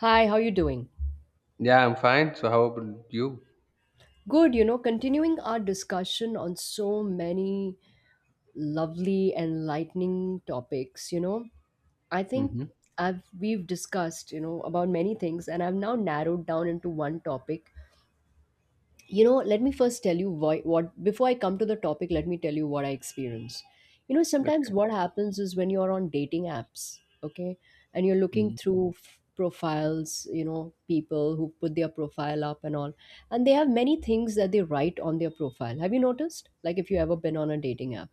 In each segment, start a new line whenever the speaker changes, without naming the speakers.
Hi, how you doing?
Yeah, I'm fine. So how about you?
Good, continuing our discussion on so many lovely enlightening topics. I think
Mm-hmm.
I've we've discussed, about many things, and I've now narrowed down into one topic. Let me first tell you why what. Before I come to the topic, let me tell you what I experience. Sometimes
Okay.
what happens is when you're on dating apps, okay, and you're looking
Mhm.
through profiles, people who put their profile up and all, and they have many things that they write on their profile. Have you noticed, like, if you ever been on a dating app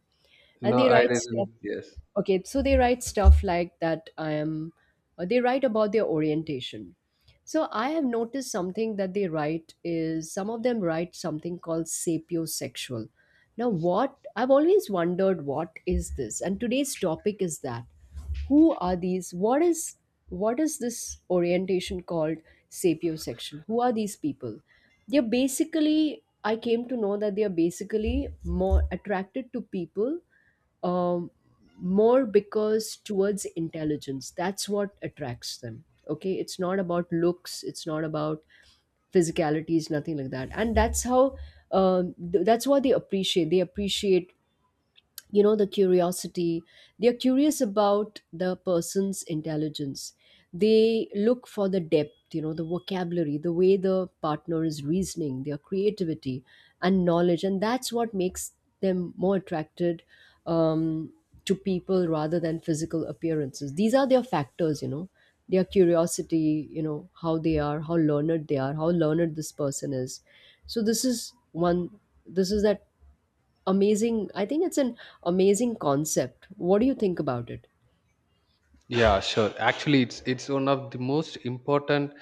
and
No,
they
I
write?
didn't. Yes.
Okay, so they write stuff like that: I am— they write about their orientation. So I have noticed something that they write is some of them write something called sapiosexual. Now what I've always wondered — what is this? And today's topic is that: who are these, what is this orientation called sapiosexual? Who are these people? They're basically I came to know that they are basically more attracted to people, um, more because towards intelligence. That's what attracts them. Okay, it's not about looks, it's not about physicalities, nothing like that. And that's how — that's what they appreciate. They appreciate, the curiosity. They are curious about the person's intelligence. They look for the depth, the vocabulary, the way the partner is reasoning, their creativity and knowledge. And that's what makes them more attracted, um, to people rather than physical appearances. These are their factors, their curiosity, how they are, how learned they are, how learned this person is. So this is one, this is that — amazing. I think it's an amazing concept. What do you think about it?
Yeah, sure. Actually, it's one of the most important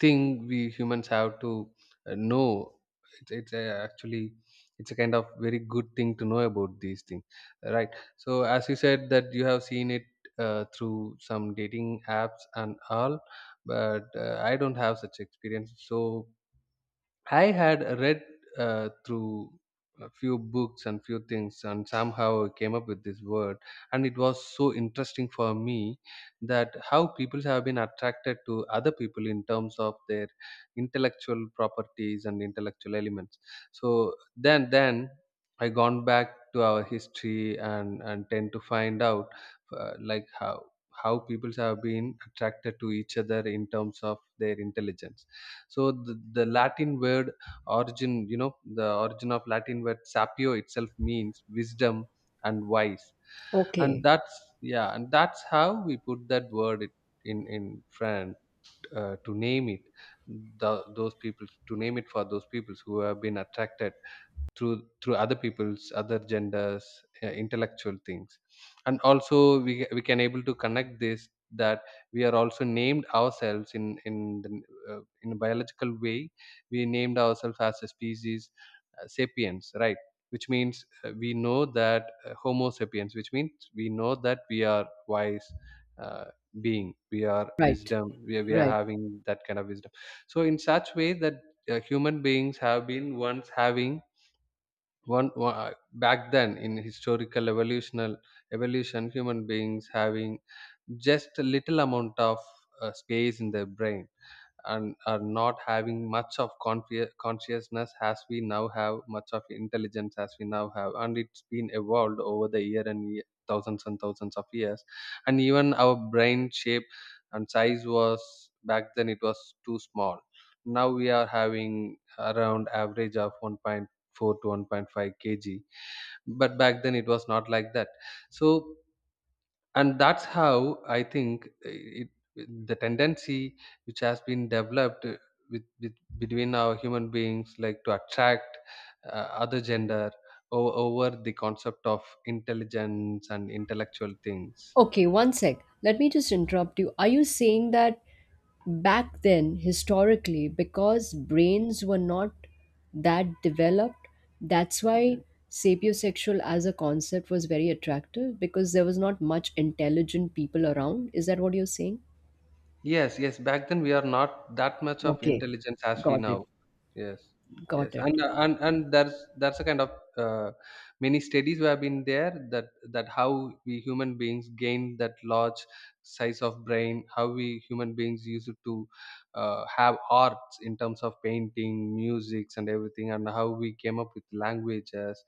thing we humans have to know. It's actually it's a kind of very good thing to know about these things, right? So as you said that you have seen it through some dating apps and all, but I don't have such experience. So I had read through a few books and few things, and somehow I came up with this word. And it was so interesting for me that how people have been attracted to other people in terms of their intellectual properties and intellectual elements. So then I gone back to our history and tend to find out like how people have been attracted to each other in terms of their intelligence. So the Latin word origin, the origin of Latin word sapio itself means wisdom and wise, and
Okay.
that's yeah, and that's how we put that word in front, to name it, those people, to name it for those peoples who have been attracted through other people's other genders, intellectual things. And also we can able to connect this, that we are also named ourselves the, in a biological way. We named ourselves as a species, sapiens, right? Which means we know that, homo sapiens, which means we know that we are wise, uh, being. We are
Right,
wisdom, we are
right.
having that kind of wisdom. So in such way that, human beings have been once having, one, one back then, in historical evolutional evolution, human beings having just a little amount of space in their brain, and are not having much of consciousness as we now have, much of intelligence as we now have, and it's been evolved over the year and thousands and thousands of years. And even our brain shape and size was, back then it was too small. Now we are having around average of 1.4 to 1.5 kg, but back then it was not like that. So, and that's how I think, the tendency which has been developed with between our human beings, like, to attract other gender over the concept of intelligence and intellectual things.
Okay, one sec, let me just interrupt you. Are you saying that back then, historically, because brains were not that developed, that's why sapiosexual as a concept was very attractive because there was not much intelligent people around? Is that what you're saying?
Yes, yes. Back then we are not that much of
Okay,
intelligence as we
got it,
now. Yes, yes.
got it.
And there's a kind of, uh, many studies who have been there, that how we human beings gained that large size of brain, how we human beings used to have arts in terms of painting, musics, and everything, and how we came up with languages.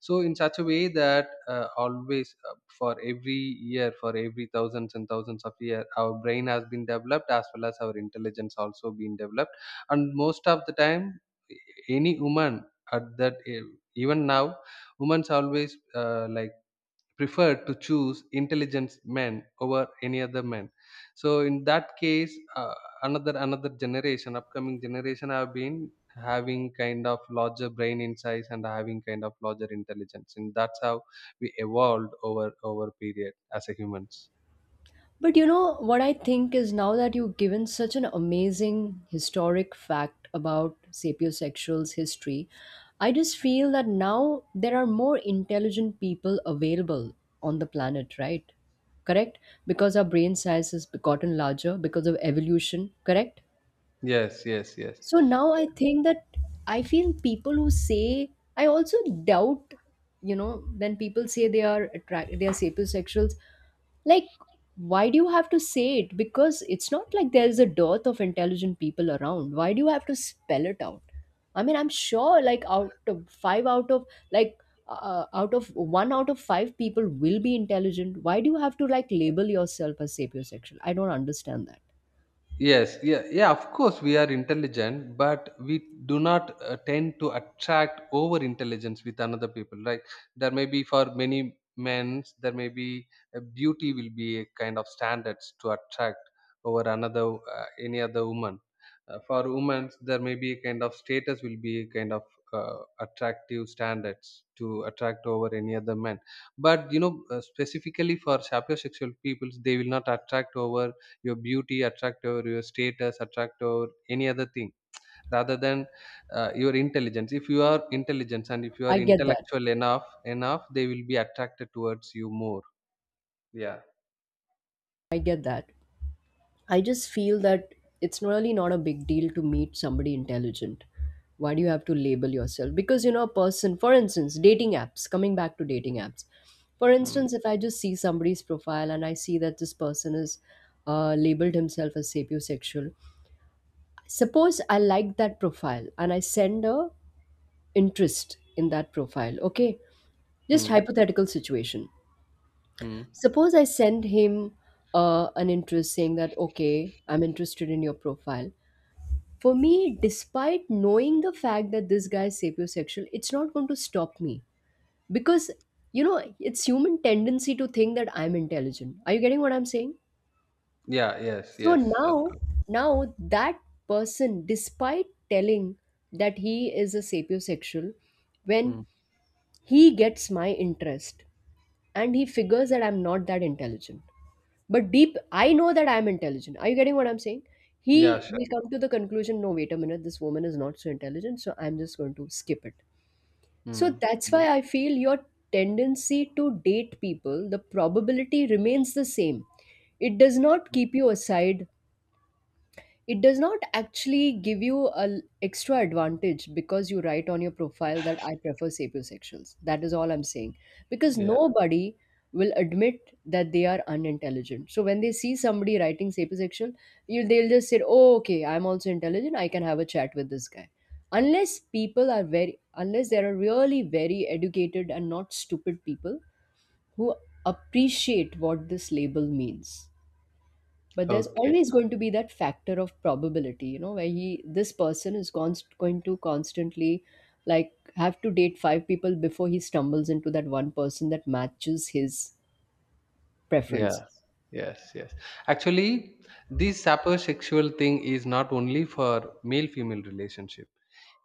So in such a way that, always, for every year, for every thousands and thousands of year, our brain has been developed, as well as our intelligence also been developed. And most of the time, any woman at that e- even now, women's always, like, preferred to choose intelligent men over any other men. So in that case, uh, another generation, upcoming generation, have been having kind of larger brain in size and having kind of larger intelligence, and that's how we evolved over period as a humans.
But you know, what I think is now that you've given such an amazing historic fact about sapiosexuals' history, I just feel that now there are more intelligent people available on the planet, right? Correct? Because our brain size has gotten larger because of evolution, correct?
Yes, yes, yes.
So now I think that I feel people who say, I also doubt, you know, when people say they are attract they are sapiosexuals, like, why do you have to say it? Because it's not like there is a dearth of intelligent people around. Why do you have to spell it out? I mean, I'm sure like out of five like out of one out of five people will be intelligent. Why do you have to like label yourself as sapiosexual? I don't understand that.
Yes, yeah, yeah, of course we are intelligent, but we do not tend to attract over intelligence with another people. Like, there may be for many men, there may be, beauty will be a kind of standards to attract over another, any other woman. For women, there may be a kind of status will be a kind of attractive standards to attract over any other men. But, specifically for sapiosexual peoples, they will not attract over your beauty attract or your status attract or any other thing rather than, your intelligence. If you are intelligent and if you are
I get that.
intellectual enough, they will be attracted towards you more. Yeah.
I get that. I just feel that it's really not a big deal to meet somebody intelligent. Why do you have to label yourself? Because, you know, a person, for instance, dating apps, coming back to dating apps. For
Mm.
instance, if I just see somebody's profile and I see that this person is labeled himself as sapiosexual, suppose I like that profile and I send a interest in that profile, okay? Just
Mm.
hypothetical situation.
Mm.
Suppose I send him an interest saying that, okay, I'm interested in your profile. For me, despite knowing the fact that this guy is sapiosexual, it's not going to stop me because, you know, it's human tendency to think that I'm intelligent. Are you getting what I'm saying?
Yeah, yes,
So
yes, of
now,
course.
now that person, despite telling that he is a sapiosexual, when
Mm.
he gets my interest and he figures that I'm not that intelligent, but deep, I know that I'm intelligent. Are you getting what I'm saying?
Yeah,
He
sure.
will come to the conclusion, no, wait a minute, this woman is not so intelligent, so I'm just going to skip it. So
Mm.
that's
Mm.
why I feel your tendency to date people, the probability remains the same. It does not keep you aside, it does not actually give you an extra advantage because you write on your profile that I prefer sapiosexuals. That is all I'm saying. Because
Yeah,
nobody will admit that they are unintelligent. So when they see somebody writing sapiosexual, you they'll just say, "Oh, okay, I'm also intelligent. I can have a chat with this guy." Unless people are very, unless there are really very educated and not stupid people who appreciate what this label means, but there's
okay.
always going to be that factor of probability, you know, where he this person is going to constantly like have to date five people before he stumbles into that one person that matches his preference.
Yeah. Yes, yes. Actually, this sapiosexual thing is not only for male-female relationship.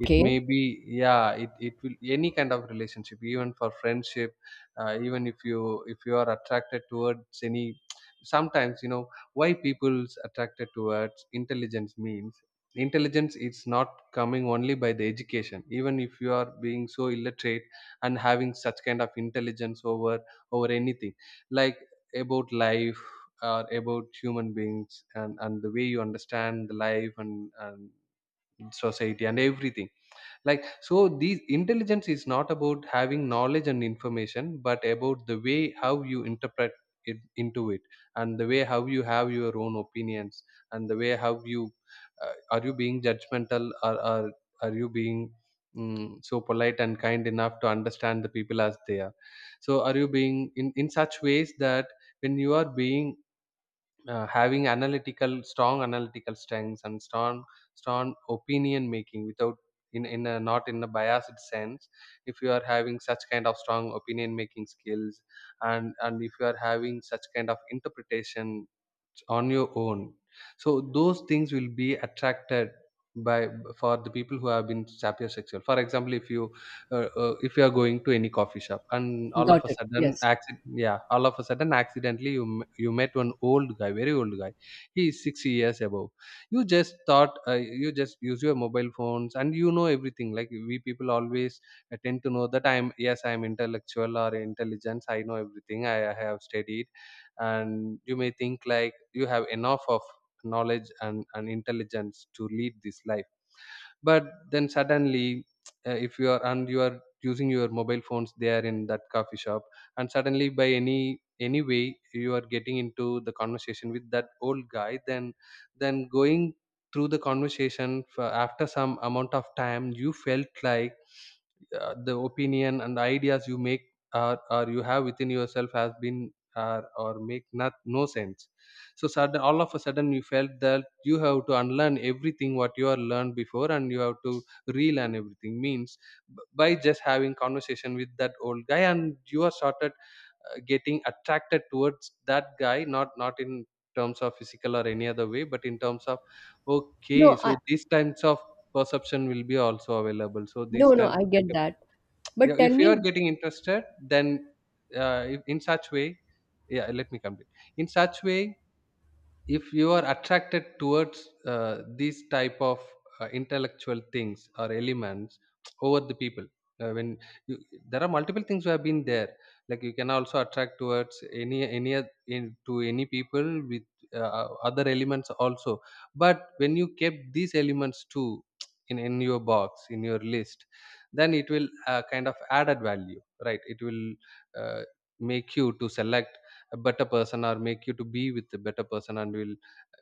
It
Okay,
may be, yeah, it will any kind of relationship, even for friendship, even if you are attracted towards any. Sometimes, you know, why people's attracted towards intelligence means intelligence is not coming only by the education. Even if you are being so illiterate and having such kind of intelligence over anything, like, about life or about human beings, and the way you understand the life and society and everything, like. So these intelligence is not about having knowledge and information, but about the way how you interpret it into it, and the way how you have your own opinions, and the way how you, are you being judgmental, or are you being, so polite and kind enough to understand the people as they are? So are you being in such ways that, when you are being, having analytical, strong analytical strengths, and strong opinion making without, in a not in a biased sense. If you are having such kind of strong opinion making skills, and if you are having such kind of interpretation on your own, so those things will be attracted by, for the people who have been sapiosexual. For example, if you, if you are going to any coffee shop, and
got it, yes.
all of a sudden accidentally you you met one old guy, very old guy, he is 60 years above. You just thought you just use your mobile phones and you know everything. Like, we people always, tend to know that I'm intellectual or intelligence, I know everything, I have studied, and you may think like you have enough of knowledge, and intelligence to lead this life. But then suddenly, if you are and you are using your mobile phones there in that coffee shop, and suddenly by any way you are getting into the conversation with that old guy, then going through the conversation for after some amount of time, you felt like, the opinion and ideas you make, or you have within yourself has been, or make not no sense. So, sudden all of a sudden, you felt that you have to unlearn everything what you are learned before, and you have to relearn everything, means, by just having conversation with that old guy, and you are started, getting attracted towards that guy, not in terms of physical or any other way, but in terms of, okay,
no i
so these kinds of perception will be also available. So
no,
these
no,
times
I
of
get that,
yeah,
but tell
if you
me.
are getting interested, then, in such way, yeah, let me complete. In such way, if you are attracted towards, these type of, intellectual things or elements over the people, when you, there are multiple things who have been there, like you can also attract towards to any people with, other elements also. But when you kept these elements too, in your box, in your list, then it will, kind of added value, right? It will, uh, make you to select a better person, or make you to be with a better person. And will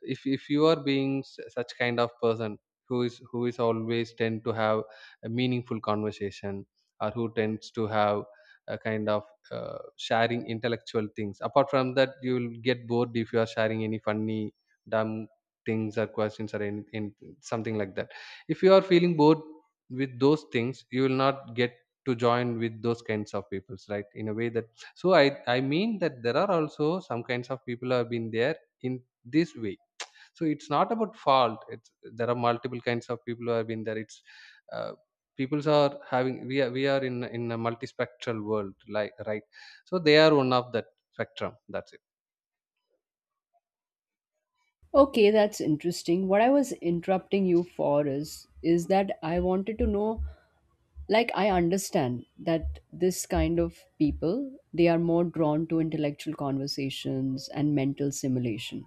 if you are being s- such kind of person, who is always tend to have a meaningful conversation, or who tends to have a kind of, uh, sharing intellectual things. Apart from that, you will get bored if you are sharing any funny dumb things or questions, or any, in something like that. If you are feeling bored with those things, you will not get to join with those kinds of peoples, right, in a way. That, so I mean that there are also some kinds of people who have been there in this way. So it's not about fault, it's there are multiple kinds of people who have been there. It's uh, Peoples are having, we are in a multispectral world, like, right? So they are one of that spectrum, that's it.
Okay, that's interesting. What I was interrupting you for is that I wanted to know, like, I understand that this kind of people, they are more drawn to intellectual conversations and mental simulation,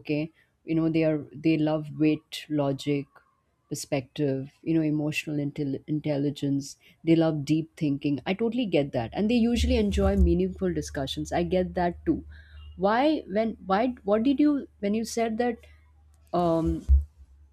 okay, you know, they are they love wit, logic, perspective, you know, emotional intelligence. They love deep thinking, I totally get that, and they usually enjoy meaningful discussions, I get that too. Why when why what did you when you said that, um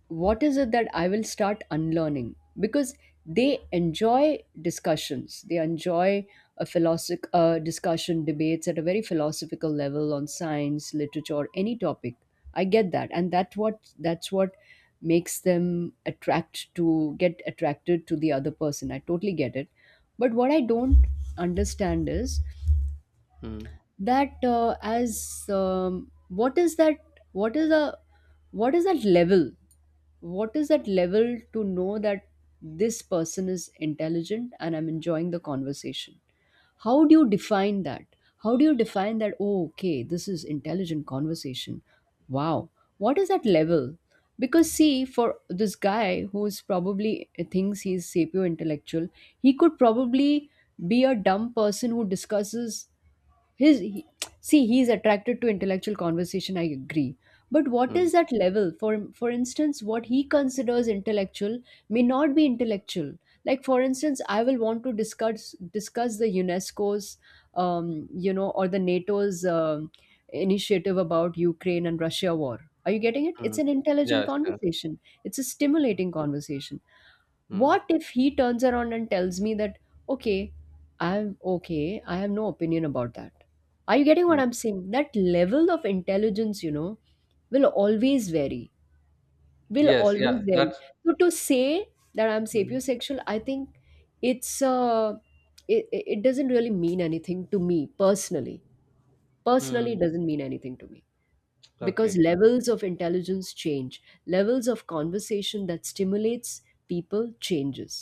what is it that I will start unlearning? Because they enjoy discussions. They enjoy a discussion, debates at a very philosophical level on science, literature, or any topic. I get that, and that's what makes them attract to get attracted to the other person. I totally get it, but what I don't understand is
Mm.
that as what is that? What is the what is that level, what is that level to know that this person is intelligent and I'm enjoying the conversation? How do you define that? How do you define that? Oh, okay, this is intelligent conversation. Wow, what is that level? Because see, for this guy who is probably thinks he's sapio intellectual, he could probably be a dumb person who discusses his he, see he's attracted to intellectual conversation, I agree, but what
Mm.
is that level for instance what he considers intellectual may not be intellectual. Like for instance I will want to discuss the UNESCO's, you know, or the NATO's, initiative about Ukraine and Russia war. Are you getting it? It's
Mm.
an intelligent
Yeah, sure.
conversation. It's a
Mm.
stimulating conversation.
Mm.
What if he turns around and tells me that okay, I'm okay, I have no opinion about that. Are you getting what
Mm.
I'm saying? That level of intelligence, you know, will always vary, will
Yes,
always
yeah,
vary.
that's.
So to say that I'm
Mm.
sapiosexual, I think it's uh it doesn't really mean anything to me personally. Personally,
Mm.
it doesn't mean anything to me, because
Okay. Okay.
levels of intelligence change, levels of conversation that stimulates people changes.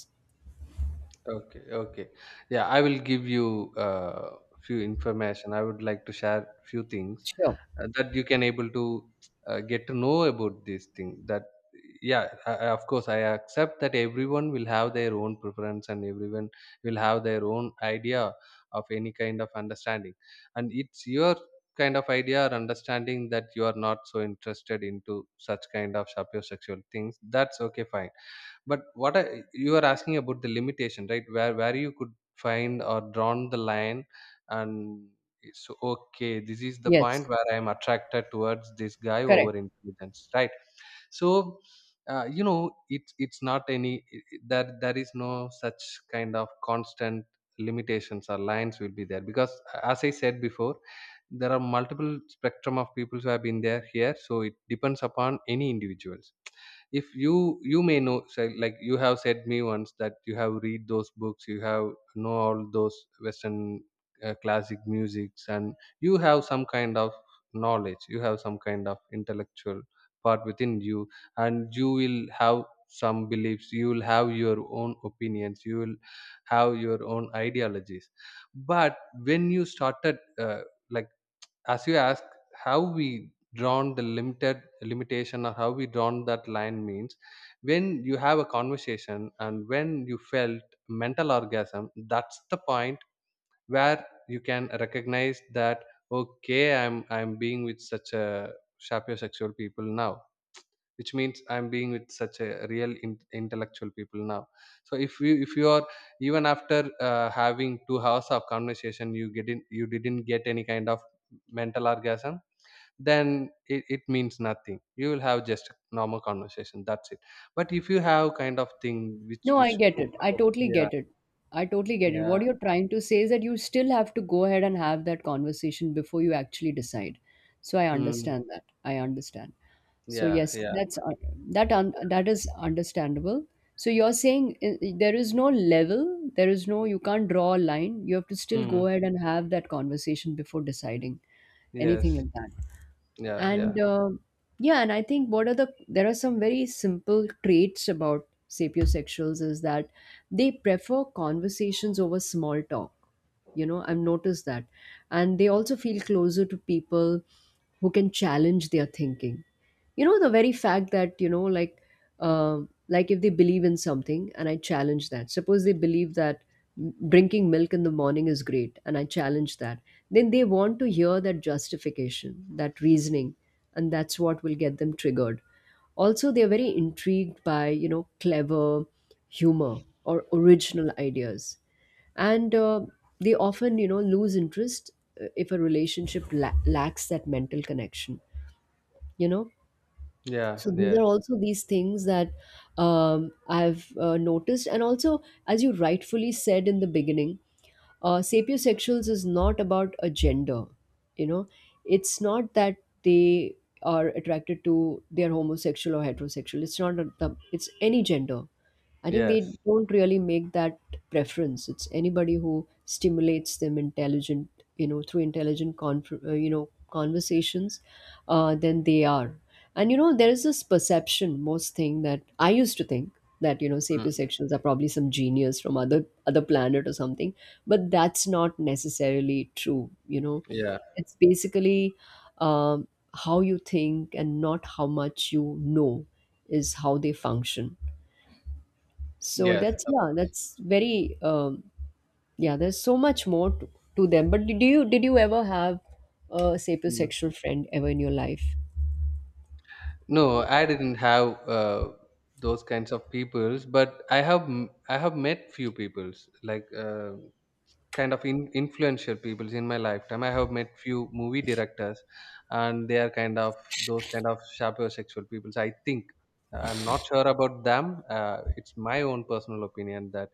Okay, okay. Yeah, I will give you, few information. I would like to share few things,
Sure.
that you can able to, get to know about this thing. That Yeah, of course, I accept that everyone will have their own preference, and everyone will have their own idea of any kind of understanding. And it's your kind of idea or understanding that you are not so interested into such kind of sapiosexual things. That's okay, fine, but you are asking about the limitation, right? Where you could find or drawn the line, and so okay. This is the
Yes,
point where I am attracted towards this guy
correct.
over intelligence, right? So, it's not that there is no such kind of constant limitations or lines will be there because, as I said before, there are multiple spectrum of people who have been there here. So it depends upon any individuals. If you may know, so like you have said me once that you have read those books, you have know all those western classic musics, and you have some kind of knowledge, you have some kind of intellectual part within you, and you will have some beliefs, you will have your own opinions, you will have your own ideologies. But when you started like as you ask how we drawn the limited limitation or how we drawn that line means, when you have a conversation and when you felt mental orgasm, that's the point where you can recognize that okay, I'm being with such a sapiosexual people now, which means I'm being with such a real intellectual people now. So if you are even after having 2 hours of conversation you get in you didn't get any kind of mental orgasm, then it means nothing. You will have just normal conversation, that's it. But if you have kind of thing which
No, I
which.
get it. I totally
Yeah,
get it. I totally get it.
yeah,
What you're trying to say is that you still have to go ahead and have that conversation before you actually decide. So I
mm,
understand that. I understand. So
yeah,
yes,
yeah,
that's that un that is understandable. So you're saying, there is no level, there is no you can't draw a line. You have to
yeah,
still go ahead and have that conversation before deciding anything
yes,
like that.
yeah, yeah,
And yeah, and I think what are the there are some very simple traits about sapiosexuals is that they prefer conversations over small talk, you know, I've noticed that. And they also feel closer to people who can challenge their thinking. You know, the very fact that, you know, like, um like if they believe in something and I challenge that, suppose they believe that drinking milk in the morning is great and I challenge that, then they want to hear that justification, that reasoning, and that's what will get them triggered. Also, they're very intrigued by, you know, clever humor or original ideas, and they often, you know, lose interest if a relationship lacks that mental connection, you know.
yeah,
So these are
yes,
also these things that, I've, noticed. And also, as you rightfully said in the beginning, sapiosexuals is not about a gender, you know. It's not that they are attracted to they are homosexual or heterosexual. It's not it's any gender. I think they
yes,
don't really make that preference. It's anybody who stimulates them intelligent, you know, through intelligent, you know, conversations, then they are. And you know, there is this perception, most thing that I used to think that, you know,
mm,
sapiosexuals are probably some genius from other planet or something, but that's not necessarily true. You know,
yeah,
it's basically um, how you think and not how much you know is how they function. So
yes,
that's yeah, that's very yeah. There's so much more to them. But did you ever have a
mm.
sapiosexual friend ever in your life?
No I didn't have those kinds of peoples, but I have met few peoples like kind of influential people in my lifetime. I have met few movie directors, and they are kind of those kind of sapiosexual people. I think I'm not sure about them. It's my own personal opinion that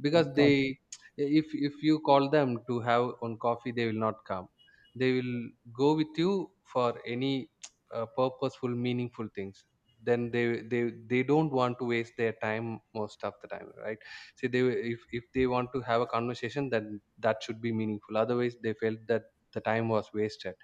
because
Got
if you call them to have on coffee, they will not come. They will go with you for any purposeful, meaningful things. Then they don't want to waste their time most of the time, right? See, they, if they want to have a conversation, then that should be meaningful, otherwise they felt that the time was wasted,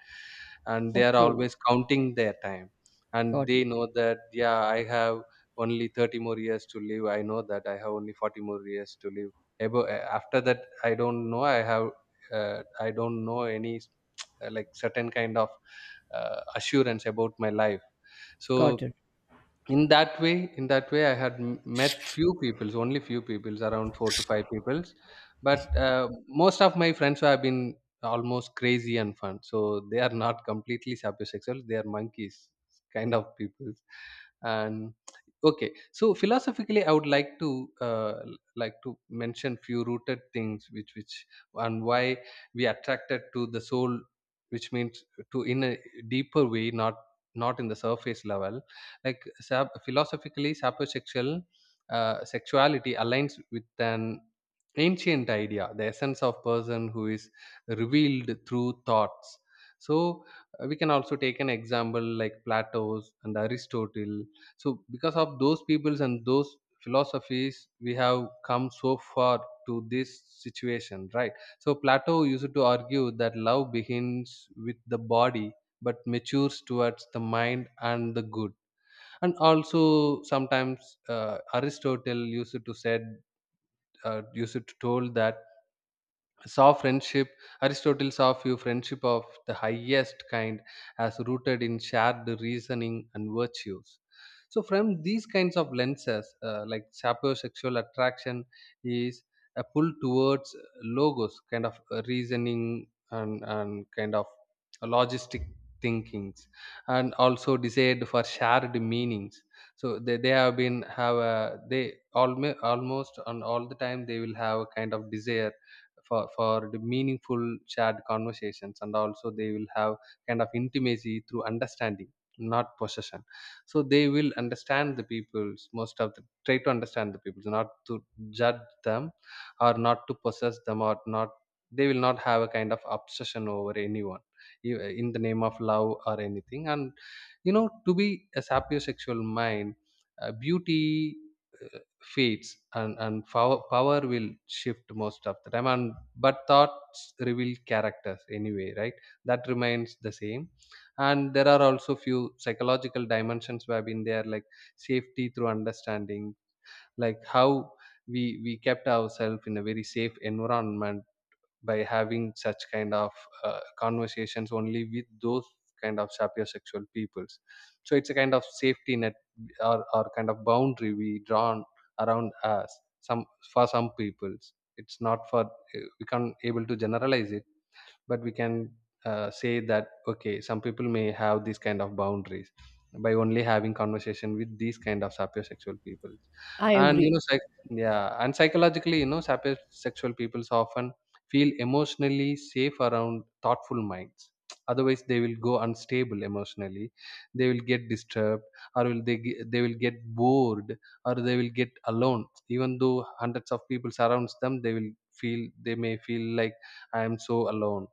and they are
okay,
always counting their time, and
got it,
they know that yeah, I have only 30 more years to live, I know that I have only 40 more years to live. After that I don't know, I have I don't know any like certain kind of assurance about my life.
got
So
it.
in that way I met few peoples, only few peoples, around 4 to 5 peoples, but most of my friends have been almost crazy and fun, so they are not completely sapiosexual, they are monkeys kind of people. And okay, so philosophically I would like to uh, l- like to mention few rooted things which and why we attracted to the soul, which means to in a deeper way, not not in the surface level. Like philosophically, sapiosexual sexuality aligns with an ancient idea, the essence of person who is revealed through thoughts. So we can also take an example like Plato's and Aristotle. So because of those peoples and those philosophies, we have come so far to this situation, right? So Plato used to argue that love begins with the body but matures towards the mind and the good. And also sometimes Aristotle used to said, used to told that saw friendship, Aristotle saw few friendship of the highest kind as rooted in shared reasoning and virtues. So from these kinds of lenses, like sapiosexual attraction is a pull towards logos, kind of reasoning, and kind of logistic thinkings, and also desired for shared meanings. So they have been have a, they almost and all the time they will have a kind of desire for the meaningful shared conversations, and also they will have kind of intimacy through understanding, not possession. So they will understand the peoples, most of the try to understand the peoples, not to judge them, or not to possess them, or not, they will not have a kind of obsession over anyone in the name of love or anything. And you know, to be a sapiosexual mind, beauty uh, feeds, and power, power will shift most of the time. And but thoughts reveal characters anyway, right? That remains the same. And there are also few psychological dimensions where in there, like safety through understanding, like how we kept ourselves in a very safe environment by having such kind of conversations only with those kind of sapiosexual peoples. So it's a kind of safety net, or kind of boundary we drawn around us. Some, for some peoples it's not, for we can't able to generalize it, but we can say that okay, some people may have these kind of boundaries by only having conversation with these kind of sapiosexual people.
I
And you
agree.
know, yeah, and psychologically, you know, sapiosexual people often feel emotionally safe around thoughtful minds, otherwise they will go unstable emotionally, they will get disturbed, or will they will get bored, or they will get alone even though hundreds of people surrounds them, they will feel, they may feel like I am so alone.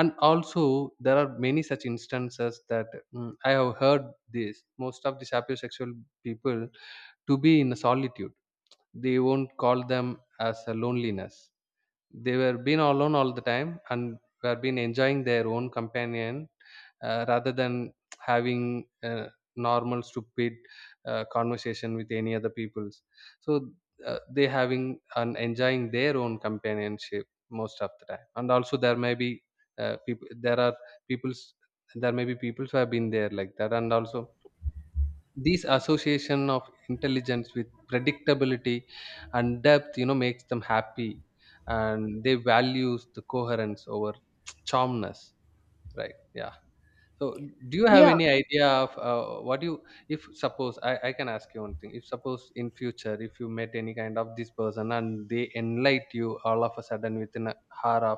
And also there are many such instances that, I have heard this, most of the sapiosexual people to be in solitude. They won't call them as a loneliness, they were been alone all the time and were been enjoying their own companion, rather than having a normal stupid conversation with any other peoples. So they having and enjoying their own companionship most of the time. And also there may be uh, people there are peoples peoples who have been there like that. And also these association of intelligence with predictability and depth, you know, makes them happy, and they values the coherence over charmness, right? Yeah. So, do you have
Yeah.
any idea of if suppose I can ask you one thing, if suppose in future if you met any kind of this person and they enlighten you all of a sudden within a hour of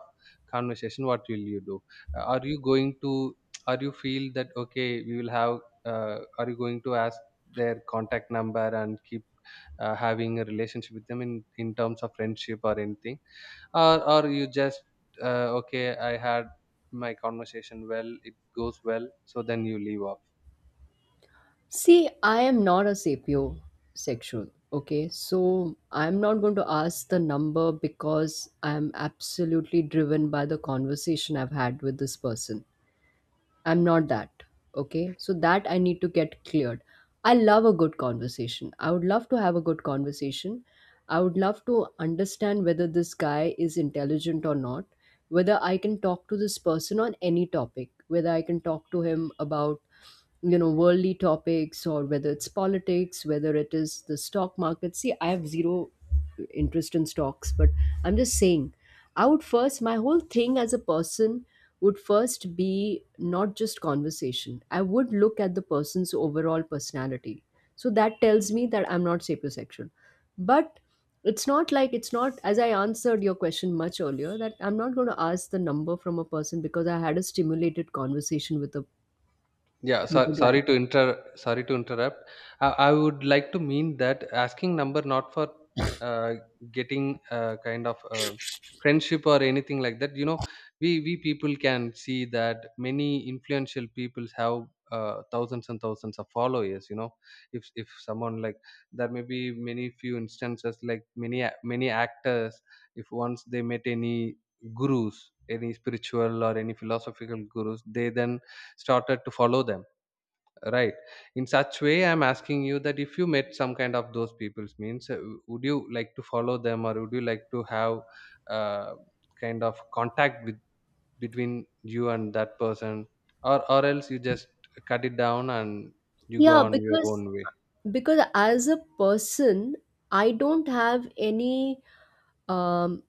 conversation, what will you do? Uh, Are you going to, are you feel that okay, we will have, are you going to ask their contact number and keep having a relationship with them in terms of friendship or anything? Or you just okay, I had my conversation well, it goes well, so then you leave off.
See, I am not a sapiosexual. Okay, so I'm not going to ask the number because I'm absolutely driven by the conversation I've had with this person. I'm not that. Okay. So that I need to get cleared. I love a good conversation. I would love to have a good conversation. I would love to understand whether this guy is intelligent or not, whether I can talk to this person on any topic, whether I can talk to him about, you know, worldly topics, or whether it's politics, whether it is the stock market. See, I have zero interest in stocks, but I'm just saying, I would first, my whole thing as a person would first be not just conversation, I would look at the person's overall personality. So that tells me that I'm not sapiosexual. But it's not like, it's not as I answered your question much earlier, that I'm not going to ask the number from a person because I had a stimulated conversation
Yeah,
with a
so,
guy.
sorry to inter sorry to interrupt. I would like to mean that asking number not for uh, getting kind of friendship or anything like that. You know, we people can see that many influential people have thousands and thousands of followers. You know, if someone like, there may be many few instances like many many actors, if once they met any gurus, any spiritual or any philosophical gurus, they then started to follow them, right? In such way I'm asking you that if you met some kind of those peoples means, would you like to follow them, or would you like to have uh, kind of contact with between you and that person, or else you just cut it down and you go
Yeah,
on your
because
own way.
because as a person I don't have any, um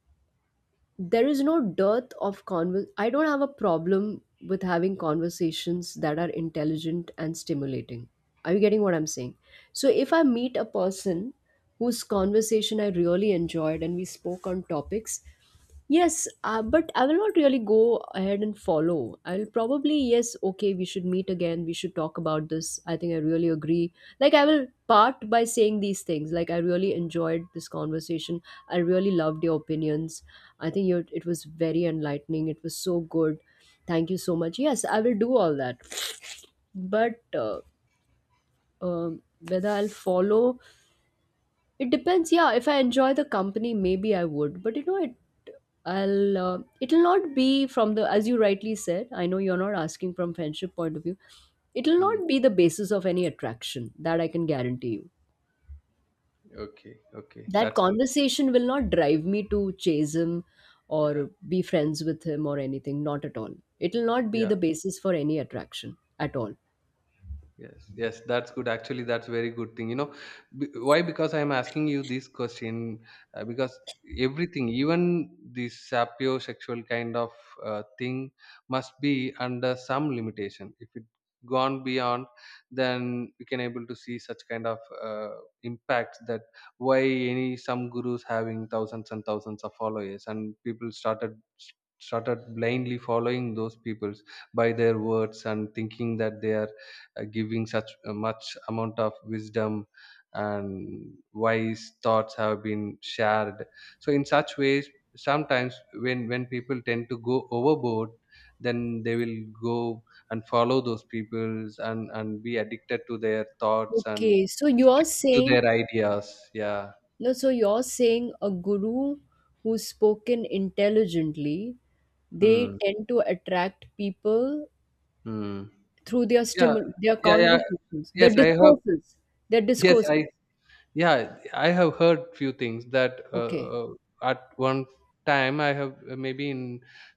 there is no dearth of I don't have a problem with having conversations that are intelligent and stimulating. Are you getting what I'm saying? So if I meet a person whose conversation I really enjoyed and we spoke on topics. Yes, but I will not really go ahead and follow. I'll probably, yes, okay, we should meet again. We should talk about this. I think I really agree. Like, I will part by saying these things. Like, I really enjoyed this conversation. I really loved your opinions. I think you it was very enlightening. It was so good. Thank you so much. Yes, I will do all that. But um whether I'll follow, it depends. Yeah, if I enjoy the company, maybe I would. But you know, it, I'll it'll not be from the, as you rightly said. I know you're not asking from friendship point of view. It'll
Hmm.
not be the basis of any attraction, that I can guarantee you.
Okay, okay,
That
that's good.
conversation will not drive me to chase him
Yeah,
or be friends with him or anything. Not at all. It'll not be
yeah.
the basis for any attraction at all.
Yes, yes, that's good. Actually, that's very good thing. You know, why? Because I'm asking you this question because everything, even this sapiosexual kind of thing, must be under some limitation. If it gone beyond, then we can able to see such kind of impacts, that why any some gurus having thousands and thousands of followers, and people started blindly following those peoples by their words, and thinking that they are giving such a much amount of wisdom, and wise thoughts have been shared. So in such ways, sometimes when people tend to go overboard, then they will go and follow those peoples, and be addicted to their thoughts and
Okay, so you're
stick to
saying,
their ideas. Yeah.
no, so you're saying a guru who's spoken intelligently, they
Hmm.
tend to attract people
Hmm.
through their
Yeah,
stimul their
yeah, yeah,
conversations, their
yes, I have.
discourses, their
Yes, I,
discourses.
yeah, I have heard few things that
Okay.
at one time I have, maybe in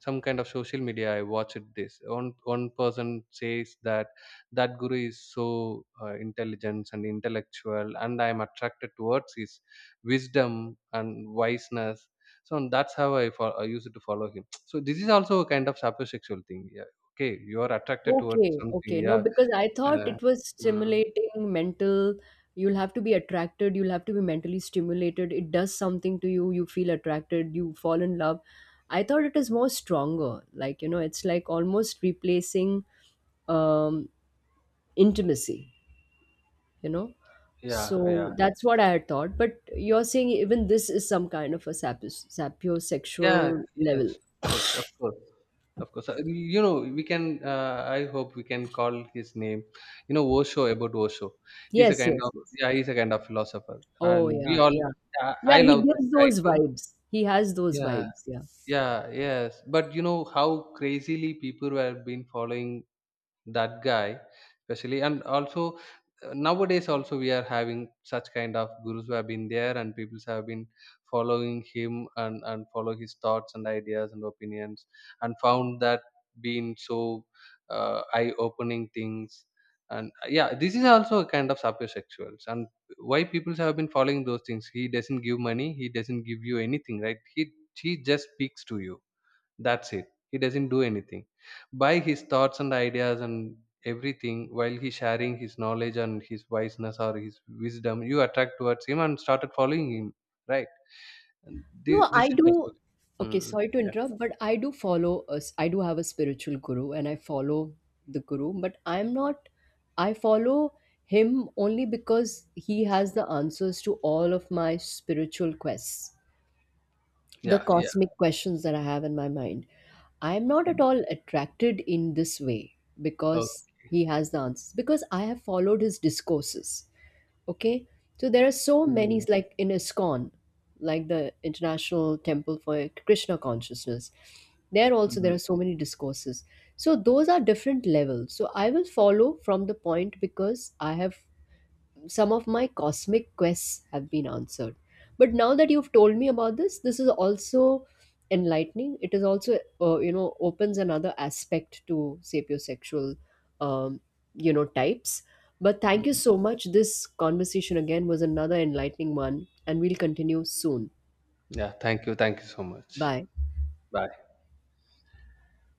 some kind of social media I watched this, one person says that that guru is so intelligent and intellectual, and I am attracted towards his wisdom and wiseness, so that's how I used to follow him. So this is also a kind of sapiosexual thing. Yeah, okay, you are attracted towards
Okay,
something.
okay. No,
Yeah.
because I thought
uh,
it was
mm,
stimulating mental. You'll have to be attracted, you'll have to be mentally stimulated. It does something to you, you feel attracted, you fall in love. I thought it is more stronger. Like, you know, it's like almost replacing um intimacy, you know.
yeah,
So
yeah.
that's what I had thought. But you're saying even this is some kind of a
Yeah,
sapiosexual
yes,
level.
of course, of course, of course. You know, we can. I hope we can call his name. You know, Osho, about Osho. He's a
Yes,
kind
yes,
of,
yes.
yeah, he's a kind of philosopher,
Oh,
and
yeah,
we all.
yeah. Yeah,
I
he
love that
gives
guy
those
too.
vibes. He has those
Yeah,
vibes. Yeah.
yeah, yes. But you know how crazily people were been following that guy, especially. And also nowadays also we are having such kind of gurus who have been there, and people have been following him, and follow his thoughts and ideas and opinions, and found that being so eye opening things. And yeah, this is also a kind of sapiosexuals. And why people have been following those things? He doesn't give money, he doesn't give you anything, right? He just speaks to you, that's it. He doesn't do anything. By his thoughts and ideas and everything, while he sharing his knowledge and his wiseness or his wisdom, you attract towards him and started following him, right? And
No,
this
I
is also.
do. Okay,
Mm,
sorry to
yeah,
interrupt, but I do follow a I do have a spiritual guru and I follow the guru, but I'm not, I follow him only because he has the answers to all of my spiritual quests, the
yeah, yeah.
cosmic questions that I have in my mind. I am not at
Mm,
all attracted in this way because
okay.
he has the answers, because I have followed his discourses. Okay. So there are so many,
Mm,
like in ISKCON, like the International Temple for Krishna Consciousness. There also, there
mm,
are so many discourses. So those are different levels. So I will follow from the point because I have, some of my cosmic quests have been answered. But now that you've told me about this, this is also enlightening. It is also, you know, opens another aspect to sapiosexual, um, you know, types. But thank you
mm.
so much. This conversation again was another enlightening one, and we'll continue soon.
Yeah, thank you. Thank you so much.
Bye.
Bye.